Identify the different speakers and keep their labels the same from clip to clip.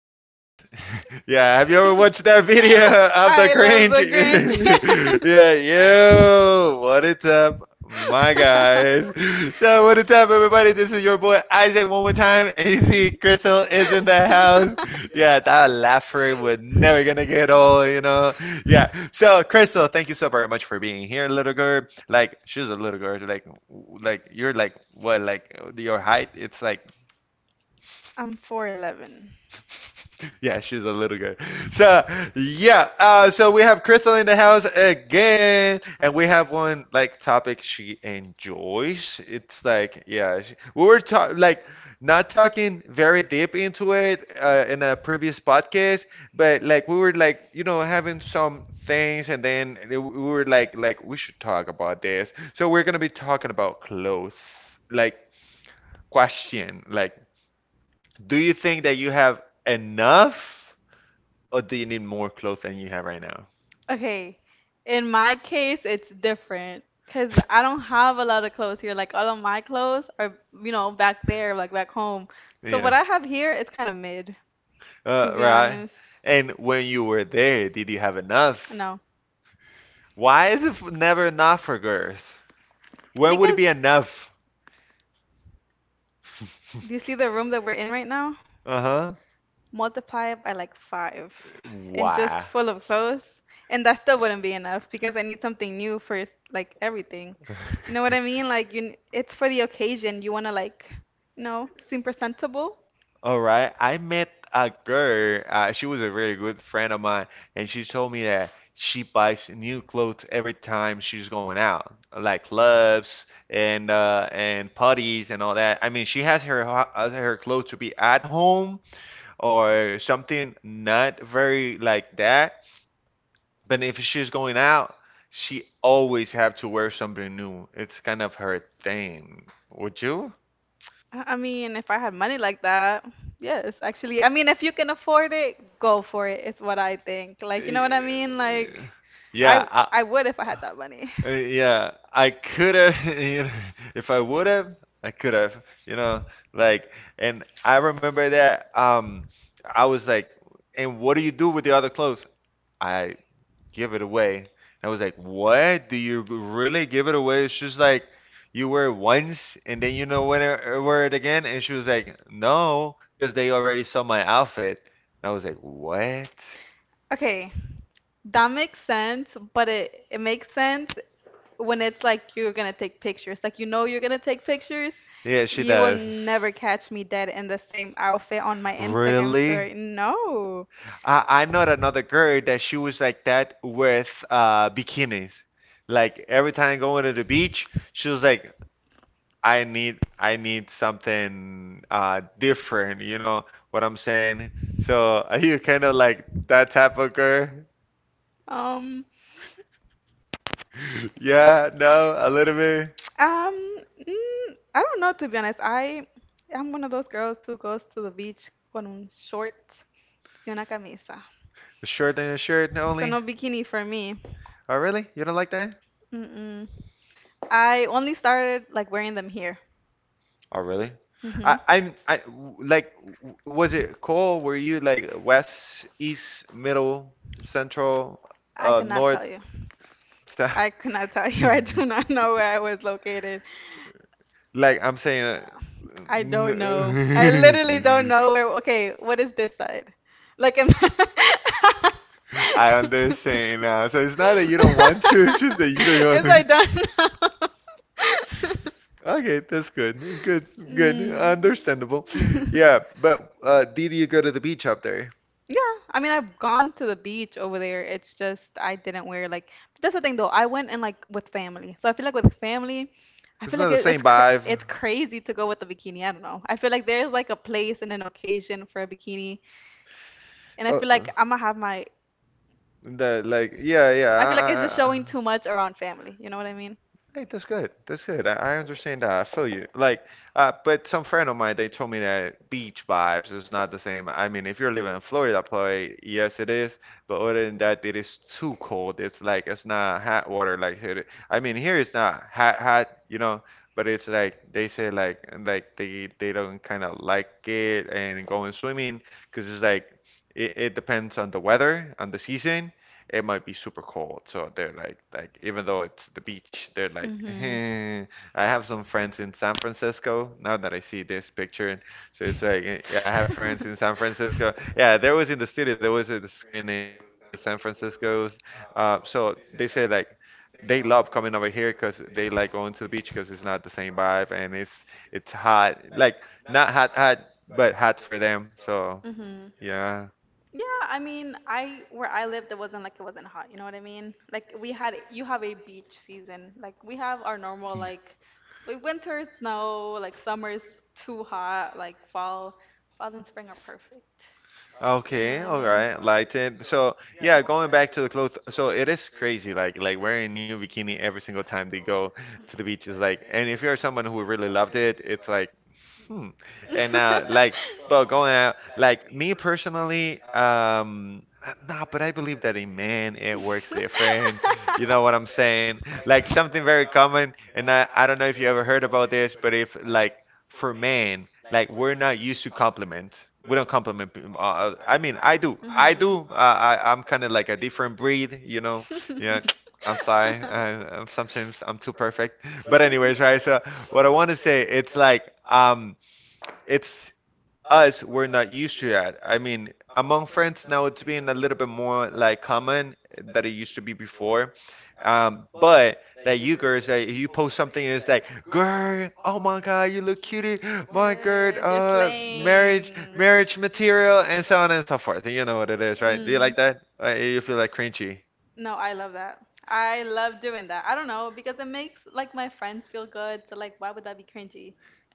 Speaker 1: guys? Yeah, have you ever watched that video of the cringe? Yeah, yo, what it's up, my guys? So, what it's up, everybody? This is your boy Isaac one more time. AC Crystal is in the house. Yeah, that laugher was never gonna get old? Yeah, so Crystal, thank you so very much for being here, little girl. Like, she's a little girl, like, you're like what, like your height? It's like Yeah, she's a little girl. So yeah, so we have Crystal in the house again, and we have one like topic she enjoys. It's like yeah, we were talk like not talking very deep into it in a previous podcast, but like we were like having some things, and then we were like we should talk about this. So we're gonna be talking about clothes, like question, like do you think that you have enough? Or do you need more clothes than you have right now? Yeah. Right. And when you were there, did you have enough? Why is it never enough for girls? When would it be enough? Uh-huh. Why? All right. I met a girl. She was a really good friend of mine, and she told me that she buys new clothes every time she's going out, like clubs and parties and all that. I mean, she has her her clothes to be at home or something not very like that. But if she's going out, she always have to wear something new. It's kind of her thing. Would you? Yeah, I, yeah. I could have, if I would have, I could have, like, and I remember that. I was like, and what do you do with the other clothes? I give it away. I was like, what? Do you really give it away? She's like, you wear it once and then you know when to wear it again. And she was like, no, because they already saw my outfit. And I was like, what? Yeah, she does. I know another girl that she was like that with bikinis. Like every time going to the beach, she was like, I need something different. You know what I'm saying? So are you kind of like that type of girl? Yeah, no, a little bit. A shirt and a shirt no, only. Oh, really? You don't like that? Oh, really? I, I'm I w- like, was it cold? Were you like west, east, middle, central, north, south? Like I'm saying, I understand now. So it's not that you don't want to, it's just that you don't go. Okay, that's good. Good, good. Understandable. Yeah, but did you go to the beach up there? It's not the same vibe. That like hey, that's good. I understand that. I feel you like but some friend of mine they told me that beach vibes is not the same. I mean, if you're living in Florida probably yes it is, but other than that it is too cold. It's like it's not hot water like here. I mean, here it's not hot hot you know, but it's like they say like they don't kind of like it and going swimming because it's like it depends on the weather, on the season, it might be super cold. So they're like even though it's the beach, they're like, "Eh." I have some friends in San Francisco. Now that I see this picture, so it's like, eh, yeah, I have friends in San Francisco. Yeah, there was in the studio, there was a screen here. It was San Francisco's. So they say like. They love coming over here because they like going to the beach because it's not the same vibe, and it's hot like not hot hot but hot for them. So yeah. Okay, all right, like it. So yeah, going back to the clothes. So it is crazy, like wearing a new bikini every single time they go to the beach is like. And if you're someone who really loved it, it's like, hmm. And like, but going out, like me personally, nah. But I believe that a man it works different you know what I'm saying? Like something very common, and I don't know if you ever heard about this, but if like for men, like we're not used to compliment. We don't compliment. I mean, I do. I do. I'm kind of like a different breed, you know. Yeah. I'm sorry. I, I'm sometimes I'm too perfect. But anyways, right? So what I want to say, it's like um it's us, we're not used to that. I mean, among friends now it's being a little bit more like common that it used to be before. But that you girls, that you post something and it's like, girl, oh my God, you look cutie, my girl, marriage, marriage material, and so on and so forth. You know what it is, right? Do you like that? You feel like cringy.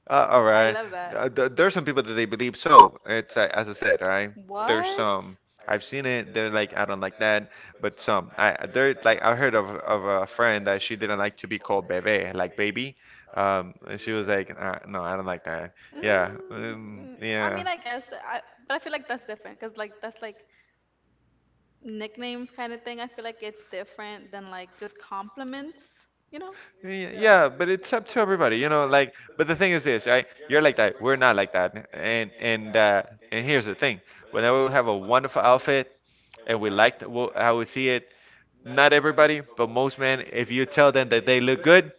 Speaker 1: Uh, all There's some people that they believe so. It's as I said, right? Um, I've seen it. They're like, I don't like that. But some, I they're like, I heard of a friend that she didn't like to be called bebe, like baby. And she was like, no, I don't like that. Yeah, yeah, yeah. But it's up to everybody, you know. Like, but the thing is this, right? You're like that. We're not like that. And and here's the thing. Whenever we have a wonderful outfit and we like how we see it, not everybody, but most men, if you tell them that they look good,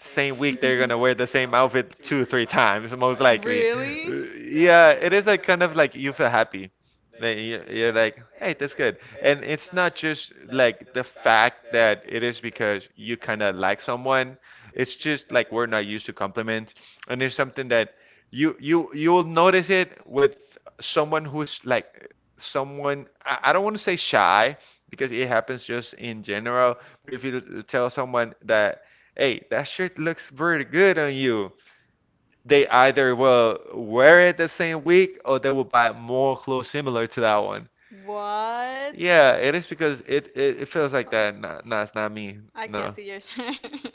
Speaker 1: same week they're gonna wear the same outfit two or three times, most likely. Yeah, it is like kind of like you feel happy. Like, you're like, hey, that's good. And it's not just like the fact that it is because you kind of like someone. It's just like we're not used to compliments, and it's something that you'll notice it with someone who's like someone. I don't want to say shy because it happens just in general. But if you tell someone that, hey, that shirt looks very good on you, they either will wear it the same week or they will buy more clothes similar to that one. Yeah, it is because it feels like that. Nah, nah, it's not me.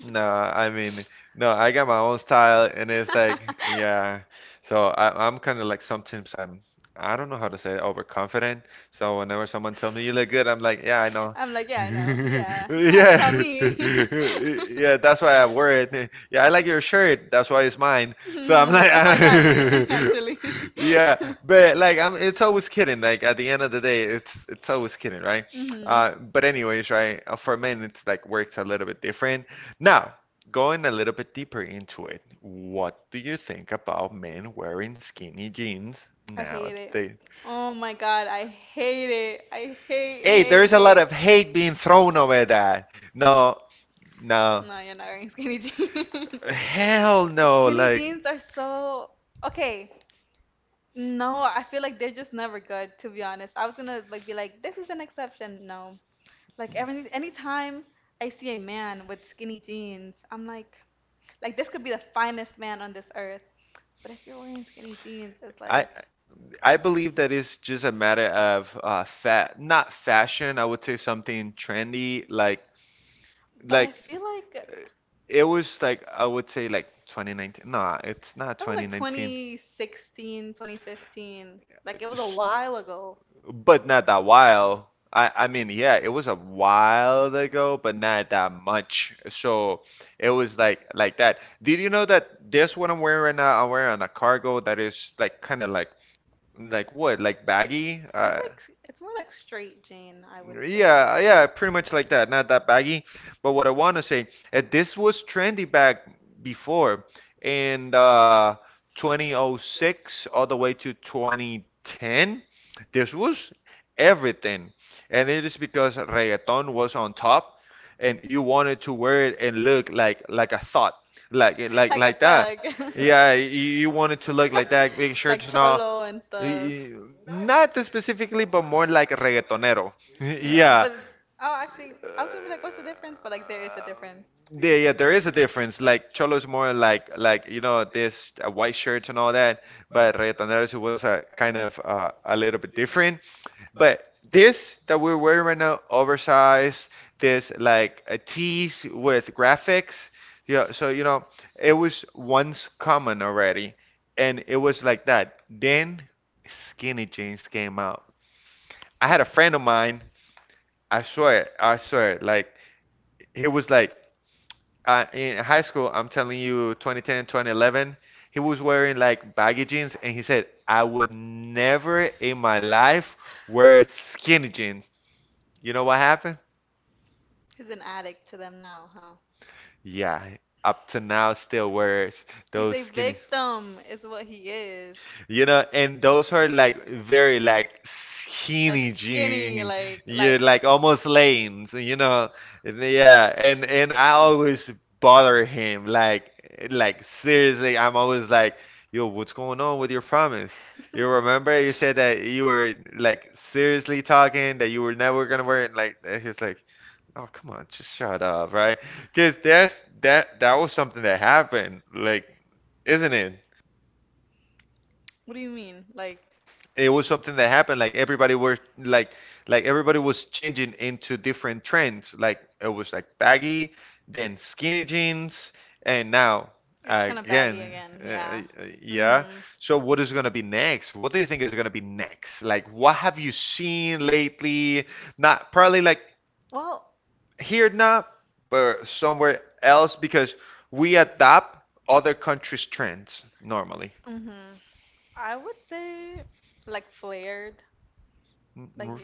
Speaker 1: Nah, I mean, no, I got my own style, and it's like, yeah. So I, I'm kind of like sometimes I don't know how to say it, overconfident. So whenever someone tells me you look good, I'm like, yeah, I know. Yeah. Yeah, that's why I wear it. Yeah, I like your shirt. That's why it's mine. So I'm like, yeah, but like I'm it's always kidding. Like at the end of the day, it's always kidding, right? But anyways, right, for men it's like works a little bit different. Now, going a little bit deeper into it, what do you think about men wearing skinny jeans now? A lot of hate being thrown over that. No, no. Hell no. Like, I I believe that it's just a matter of fat, not fashion, I would say something trendy like like it was like I would say like 2019. Nah, it's not 20, but not that while. I mean, yeah, it was a while ago, but not that much. So it was like that. Did you know that this what I'm wearing right now? I'm wearing a cargo that is like kind of like what like baggy. Yeah, yeah, pretty much like that. Not that baggy, but what I want to say, this was trendy back before in 2006 all the way to 2010. This was everything, and it is because reggaeton was on top, and you wanted to wear it and look like a thought, like like that. Yeah, you wanted to look like that, make sure not specifically, but more like reggaetonero. Yeah. Yeah, yeah, there is a difference. Like Cholo is more like you know this white shirts and all that, but Reggaetoneros it was a kind of a little bit different. But this that we're wearing right now, oversized, this like a tees with graphics. Yeah, so you know it was once common already, and it was like that. Then skinny jeans came out. I had a friend of mine. I swear, like he was like in high school, I'm telling you, 2010, 2011, he was wearing like baggy jeans, and he said, I would never in my life wear skinny jeans. You know what happened? Yeah, up to now still wears those. You know, those are like very like skinny. You're like almost lanes, you know. Yeah, and I always bother him, like seriously, I'm always like, yo, what's going on with your promise? You remember you said that you were like seriously talking that you were never gonna wear it. Like and he's like, oh come on, just shut up, right? Because that's that was something that happened, like, isn't it? It was something that happened like everybody were like everybody was changing into different trends. Like it was like baggy then skinny jeans and now uh, uh, yeah, so what is going to be next? What do you think is going to be next? Like what have you seen lately? Not probably like here, not but somewhere else, because we adopt other countries trends normally. Mm, mm,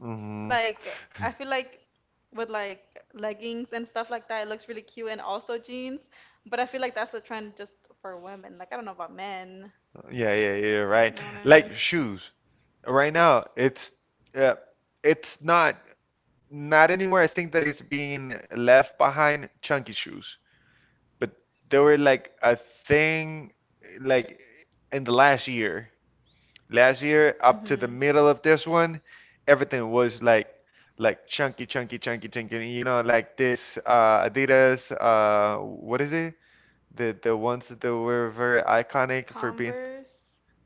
Speaker 1: mhm. Yeah, yeah, yeah, right, like shoes. Right now, uh, it's not anymore. I think that it's being left behind, chunky shoes, but they were like a thing like in the last year. Last year up to the middle of this one, everything was like chunky, chunky, chunky, chunky. You know, like this Adidas. What is it? The ones that were very iconic for being.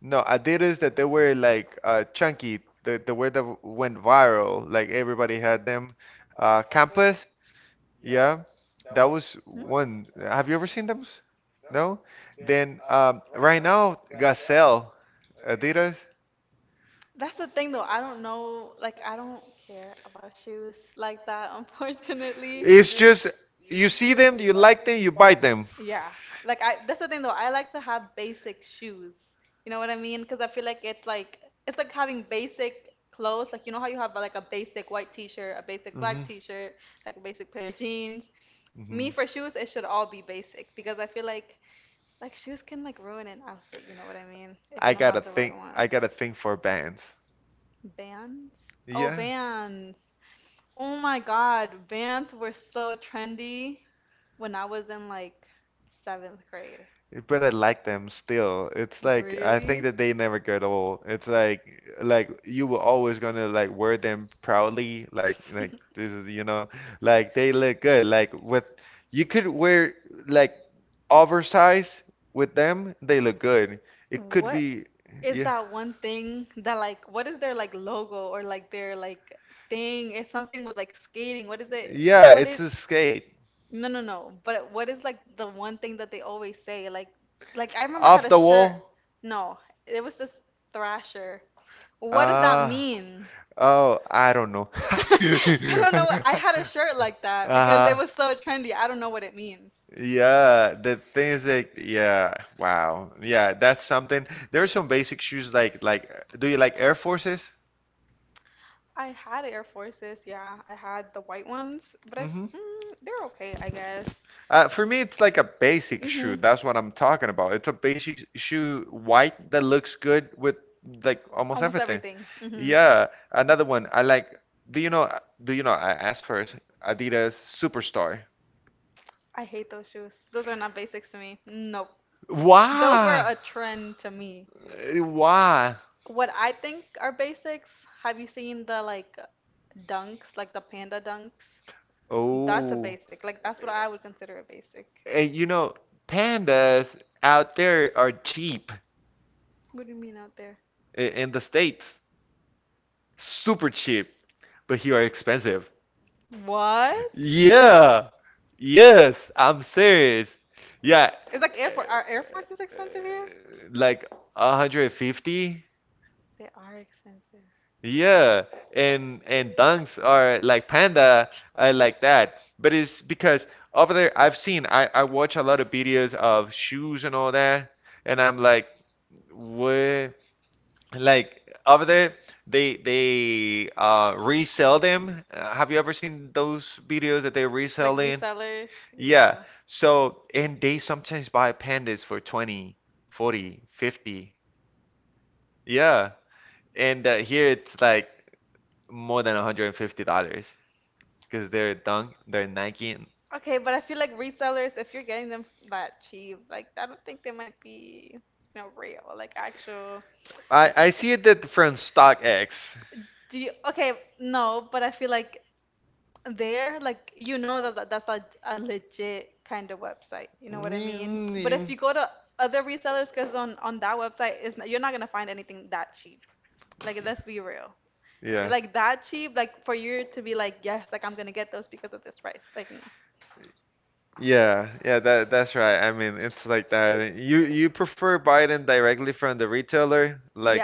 Speaker 1: No, I did that they were like chunky, the word that went viral, like everybody had them. Campus, yeah, that was one. Have you ever seen them? No? Then right now, Gazelle, Adidas. It's just you see them, you like them, you buy them. Mhm. I got a thing. I got a thing for bands. But I like them still. It's like I think that they never get old. It's like you were always gonna like wear them proudly, like this is you know, like they look good. Like with you could wear like oversized with them, they look good. It could be to skate. Oh, I don't know. Yeah, the thing is like yeah, wow. Yeah, that's something. There are some basic shoes like do you like Air Forces? For me, it's like a basic shoe. That's what I'm talking about. It's a basic shoe, white, that looks good with like almost every. Yeah, another one. I like. Do you know? Do you know? I asked first. Adidas Superstar. Why? Why? Oh, and you know, pandas out there are cheap in the States, super cheap, but here are expensive. Yeah. Yes, I'm serious. Yeah, like 150. Yeah. And dunks are like panda. I like that. But it's because over there I've seen I watch a lot of videos of shoes and all that, and I'm like what, like over there they resell them. Have you ever seen those videos that they're reselling? Yeah. So and they sometimes buy pandas for 20, 40, 50. Yeah. And here it's like more than $150 because they're Dunk, they're Nike. See it that from StockX. Mm, Yeah, yeah, yeah. That that's right. I mean, it's like that. You prefer buying it directly from the retailer, like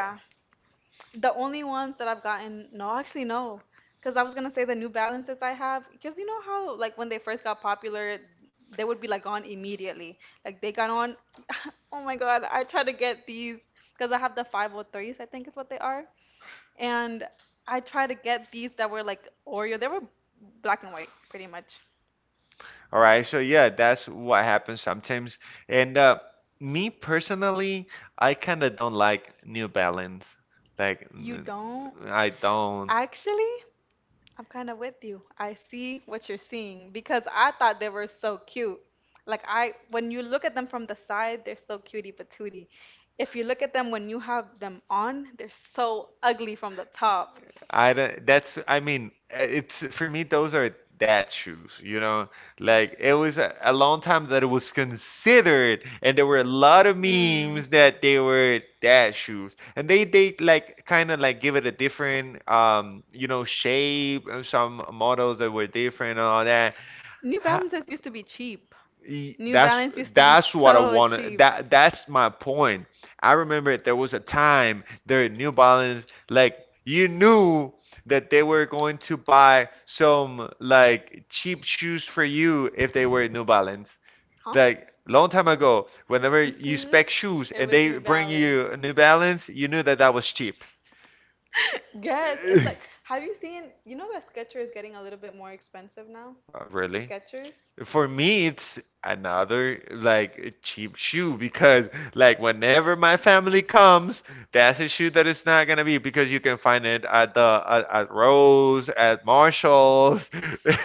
Speaker 1: all right. So yeah, that's what happens sometimes. And me personally, I kind of don't like New Balance. Like I don't. I don't, that's, I mean, it's for me, those are dad shoes, you know? Like, it was a long time that it was considered, and there were a lot of memes that they were dad shoes. And they like, kind of like give it a different, you know, shape, some models that were different and all that. Y- That's what I wanted. That's my point. I remember there was a time there in New Balance, like you knew that they were going to buy some like cheap shoes for you if they were New Balance. Like long time ago, whenever you like shoes, they bring you New Balance, you knew that that was cheap. Really? For me, it's another like cheap shoe, because like whenever my family comes, that's a shoe that it's not gonna be because you can find it at the at Rose, at Marshalls,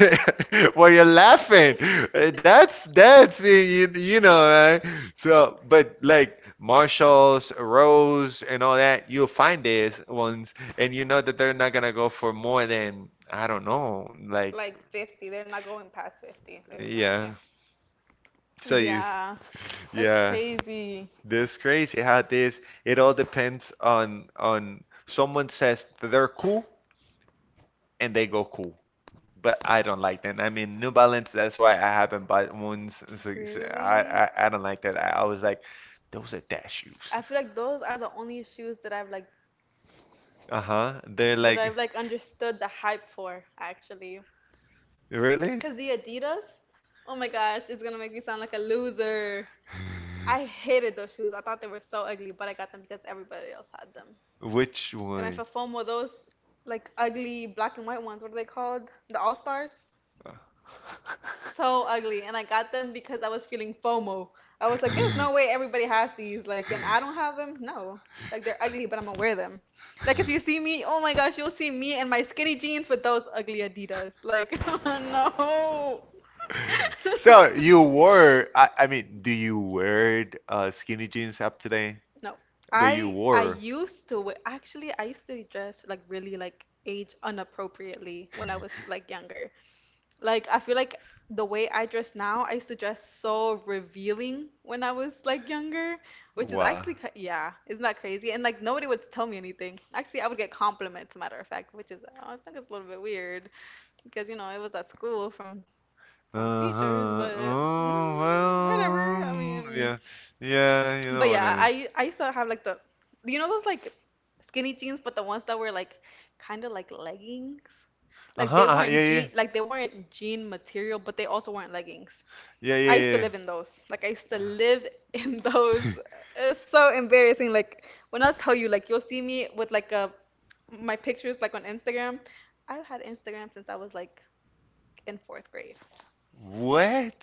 Speaker 1: where you're laughing. That's that's being you, you know. Right? So, but like Marshalls, Rose, and all that, you'll find these ones, and you know that they're not gonna go for more than I don't know, like yeah. So you, yeah. This crazy how this it all depends on someone says that they're cool and they go cool. But I don't like that. I mean, New Balance, that's why I haven't bought ones. So I don't like that. I was like, those are dash shoes. Uh-huh. They're like, really? Which one? You wore, I mean, do you wear skinny jeans up today? Uh-huh. Oh, well, yeah, yeah, you know. Uh-huh, uh-huh, yeah, yeah, yeah, what?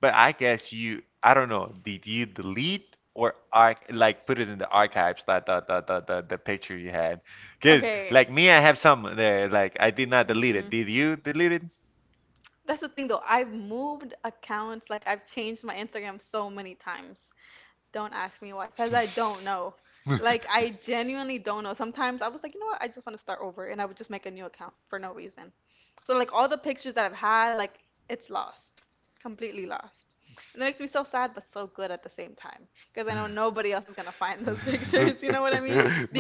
Speaker 1: But I guess you, I don't know, did you delete or arch like put it in the archives that the picture you had? 'Cause, like me, I have some there. Like I did not delete it. Did you delete it?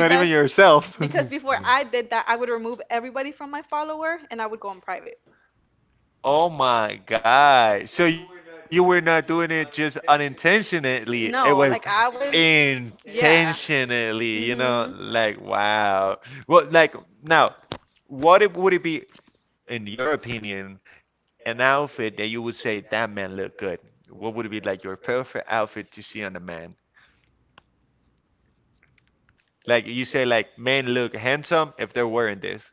Speaker 1: Even yourself. Oh my God. So you were not doing it just unintentionally. It was intentionally, you know, like wow. Well, like now, what it, would it be in your opinion? An outfit that you would say that man look good? What would be like your perfect outfit to see on a man? Like you say, like men look handsome if they're wearing this.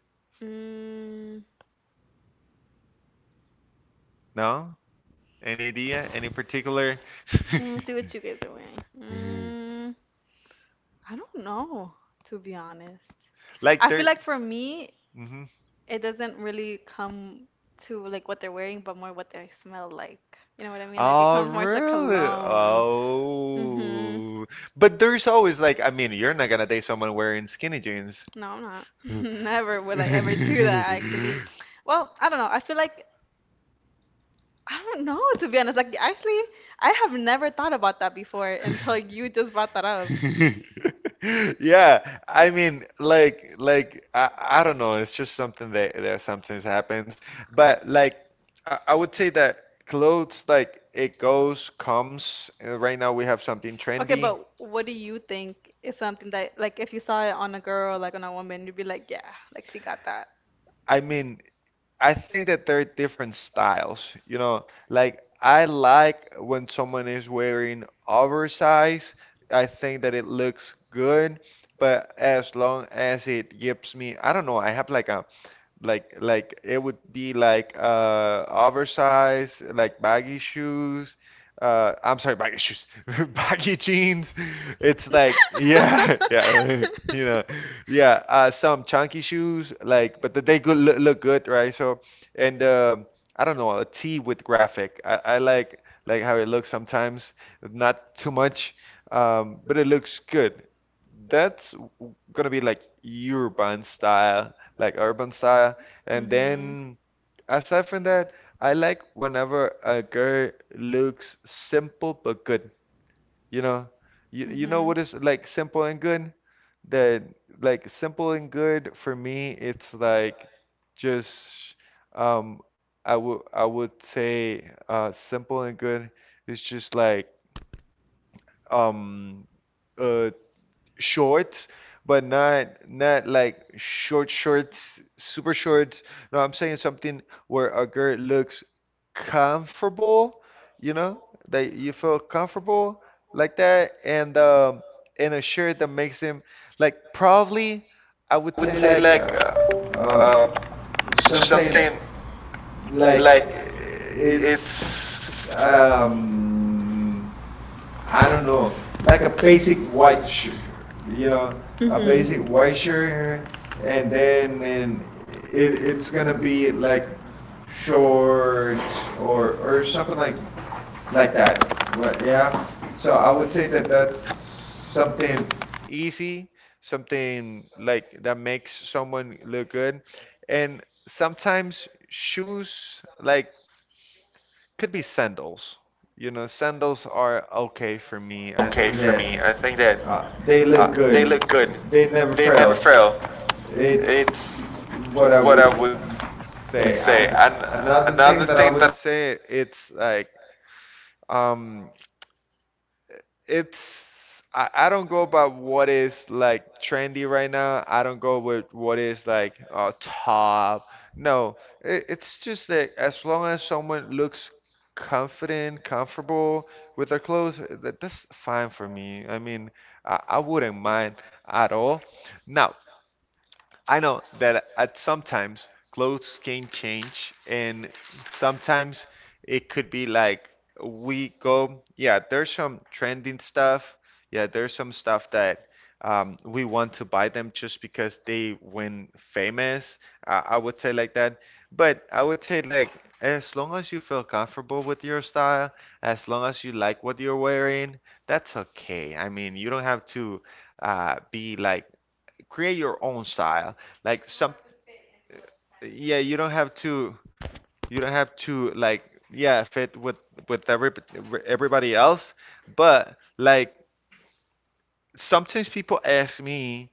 Speaker 1: No? Any idea? Any particular? Like, mhm. Oh, really? Oh. But there's always like, I mean, you're not gonna date someone wearing skinny jeans. Yeah, I mean like I don't know, it's just something that that sometimes happens, but like I would say that clothes like it goes comes. Right now we have something trend, I mean I think that there are different styles. You know, like I like when someone is wearing oversized. I think that it looks good, but as long as it gives me, I don't know, I have like a like it would be like oversized like baggy shoes I'm sorry baggy shoes baggy jeans, it's like yeah yeah you know yeah some chunky shoes like but they good look, look good right so and I don't know, a tee with graphic. I like how it looks sometimes not too much but it looks good. That's gonna be like urban style, like urban style. And then aside from that, I like whenever a girl looks simple but good. You know, you know what is like simple and good? That like simple and good for me, it's like just um I would say simple and good is just like um uh short, but not like short shorts, super short. No, I'm saying something where a girl looks comfortable, you know, that you feel comfortable like that, and a shirt that makes him like probably I would say like uh, something like it's I don't know, like a basic white shirt, you know, a basic white shirt, and then and it it's gonna be like shorts or something like that. Yeah. So I would say that that's something easy, something like that makes someone look good, and sometimes shoes like could be sandals. You know, sandals are okay for me. I think that they look good. They never fail. It's what I would say. And another thing that I would say, it's like um, it's I don't go by what is like trendy right now. I don't go with what is like top. No, it, it's just that as long as someone looks confident, comfortable with their clothes, that, that's fine for me. I mean, I wouldn't mind at all. Now, I know that at sometimes clothes can change, and sometimes it could be like we go, yeah, there's some trending stuff. Yeah, there's some stuff that we want to buy them just because they went famous. I would say like that. But I would say like as long as you feel comfortable with your style, as long as you like what you're wearing, that's okay. I mean, you don't have to be like create your own style. Like some, yeah, you don't have to like yeah fit with every, everybody else. But like sometimes people ask me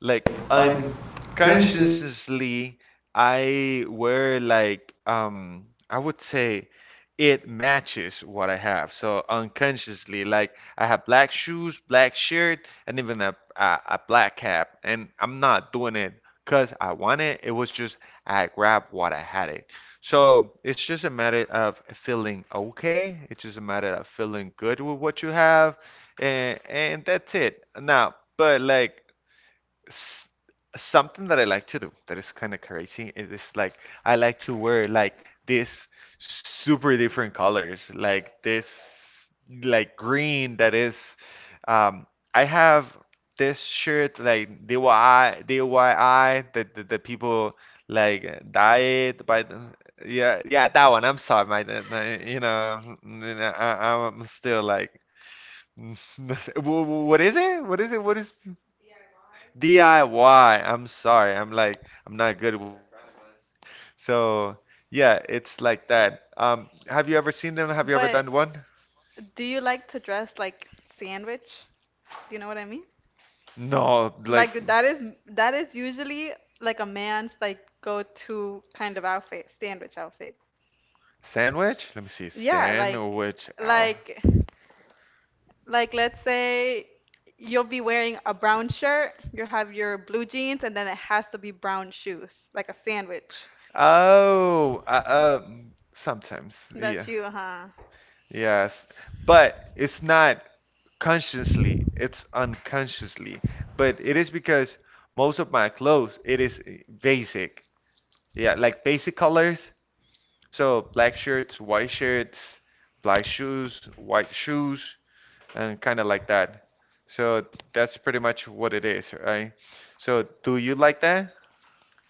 Speaker 1: like unconsciously I wear like I would say it matches what I have. So unconsciously, like I have black shoes, black shirt, and even a black cap, and I'm not doing it because I want it. It was just I grabbed what I had it. So it's just a matter of feeling okay. It's just a matter of feeling good with what you have, and that's it. Now, but like s- something that I like to do that is kind of crazy. It is like I like to wear like this super different colors, like this like green that is um I have this shirt like DIY that the people like dye it by the yeah yeah that one I'm sorry my, my you know I'm still like What is it, what is it, what is DIY? I'm sorry. I'm like I'm not good with acronyms. So yeah, it's like that. Have you ever seen them? Have you
Speaker 2: But
Speaker 1: seen one?
Speaker 2: do you like to dress like sandwich? Do you know what I mean?
Speaker 1: No, like
Speaker 2: Like, that is usually like a man's like go-to kind of outfit, sandwich outfit.
Speaker 1: sandwich? Let me see.
Speaker 2: Yeah, like like let's say you'll be wearing a brown shirt, you have your blue jeans, and then it has to be brown shoes, like a sandwich.
Speaker 1: Oh, sometimes. Yeah.
Speaker 2: That's you, huh?
Speaker 1: Yes. But it's not consciously, it's unconsciously. But it is because most of my clothes, it is basic. Yeah, like basic colors. So black shirts, white shirts, black shoes, white shoes, and kind of like that. So that's pretty much what it is, right? So do you like that?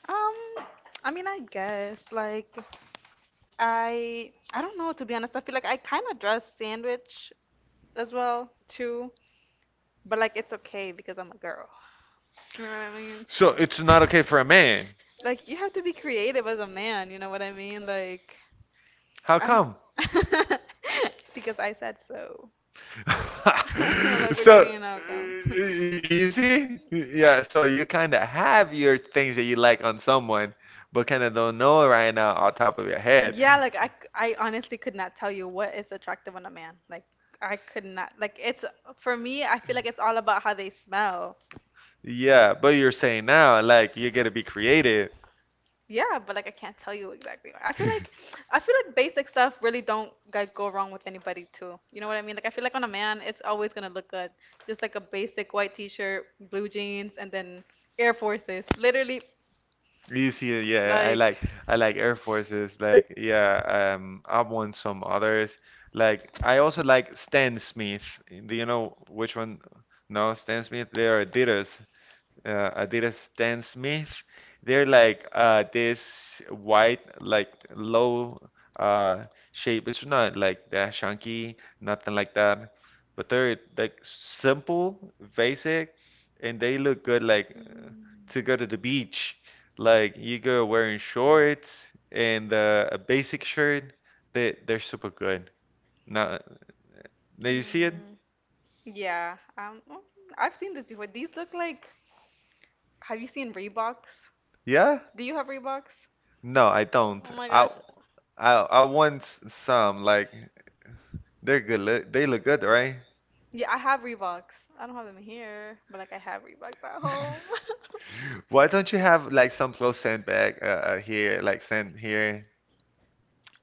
Speaker 2: Um, I guess like. I don't know, to be honest. I feel like I kind of dress sandwich as well too, but like it's okay because I'm a girl. You know what I mean?
Speaker 1: So it's not okay for a man.
Speaker 2: Like, you have to be creative as a man. You know what I mean? Like
Speaker 1: How
Speaker 2: I
Speaker 1: come?
Speaker 2: don't- because I said so. Like, what do you mean? How come?
Speaker 1: You see? Yeah, so you kind of have your things that you like on someone, but kind of don't know right now on top of your head.
Speaker 2: Yeah, like I, c- I honestly could not tell you what is attractive on a man. Like I could not, like it's for me, I feel like it's all about how they smell.
Speaker 1: Yeah, but you're saying now, like, you got to be creative.
Speaker 2: Yeah, but like I can't tell you exactly why. I feel like, I feel like basic stuff really don't like go wrong with anybody too. You know what I mean? Like I feel like on a man, it's always gonna look good. Just like a basic white t-shirt, blue jeans, and then Air Forces. Literally,
Speaker 1: You see, yeah,
Speaker 2: like.
Speaker 1: I like Air Forces. Like, yeah, I've won some others. Like, I also like Stan Smith. Do you know which one? No, Stan Smith. They are Adidas I Stan Smith. They're like this white, like low uh, shape. It's not like that chunky, nothing like that. But they're like simple, basic, and they look good like
Speaker 2: Mm,
Speaker 1: to go to the beach. Like you go wearing shorts and a basic shirt. They're super good. Now, now you see it?
Speaker 2: mm, yeah, I've seen this before. These look like. Have you seen Reeboks?
Speaker 1: Yeah?
Speaker 2: Do you have Reeboks?
Speaker 1: No, I don't.
Speaker 2: Oh my gosh.
Speaker 1: I want some like. They're good. Look, they look good, right?
Speaker 2: Yeah, I have Reeboks. I don't have them here, but like I have Reeboks at home.
Speaker 1: Why don't you have like some clothes sent back here, like sent here?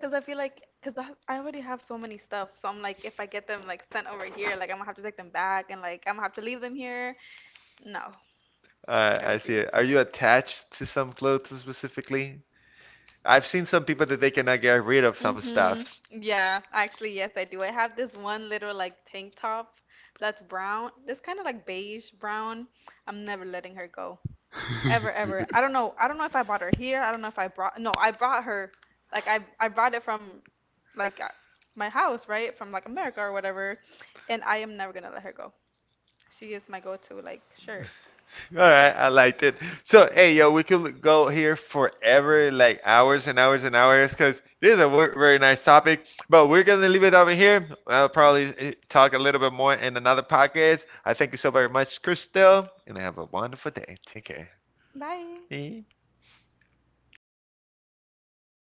Speaker 2: Cause I feel like, cause I already have so many stuff, so I'm like, if I get them like sent over here, like I'm gonna have to take them back, and like I'm gonna have to leave them here. No, I
Speaker 1: I see
Speaker 2: refuse.
Speaker 1: it. Are you attached to some clothes specifically? I've seen some people that they cannot get rid of.
Speaker 2: Mm-hmm. Yeah, actually, yes, I do. I have this one little like tank top that's brown. This kind of like beige brown. I'm never letting her go, ever ever. I don't know. I don't know if I bought her here. I don't know if I brought. No, I brought her. Like I brought it from like my house, right? From like America or whatever. And I am never gonna let her go. She is my go-to like shirt.
Speaker 1: All right, I liked it. So, hey, yo, we could go here forever, like hours and hours and hours, because this is a very nice topic. But we're gonna leave it over here. I'll probably talk a little bit more in another podcast. I thank you so very much, Crystal, and have a wonderful day. Take care.
Speaker 2: Bye.
Speaker 1: Eh.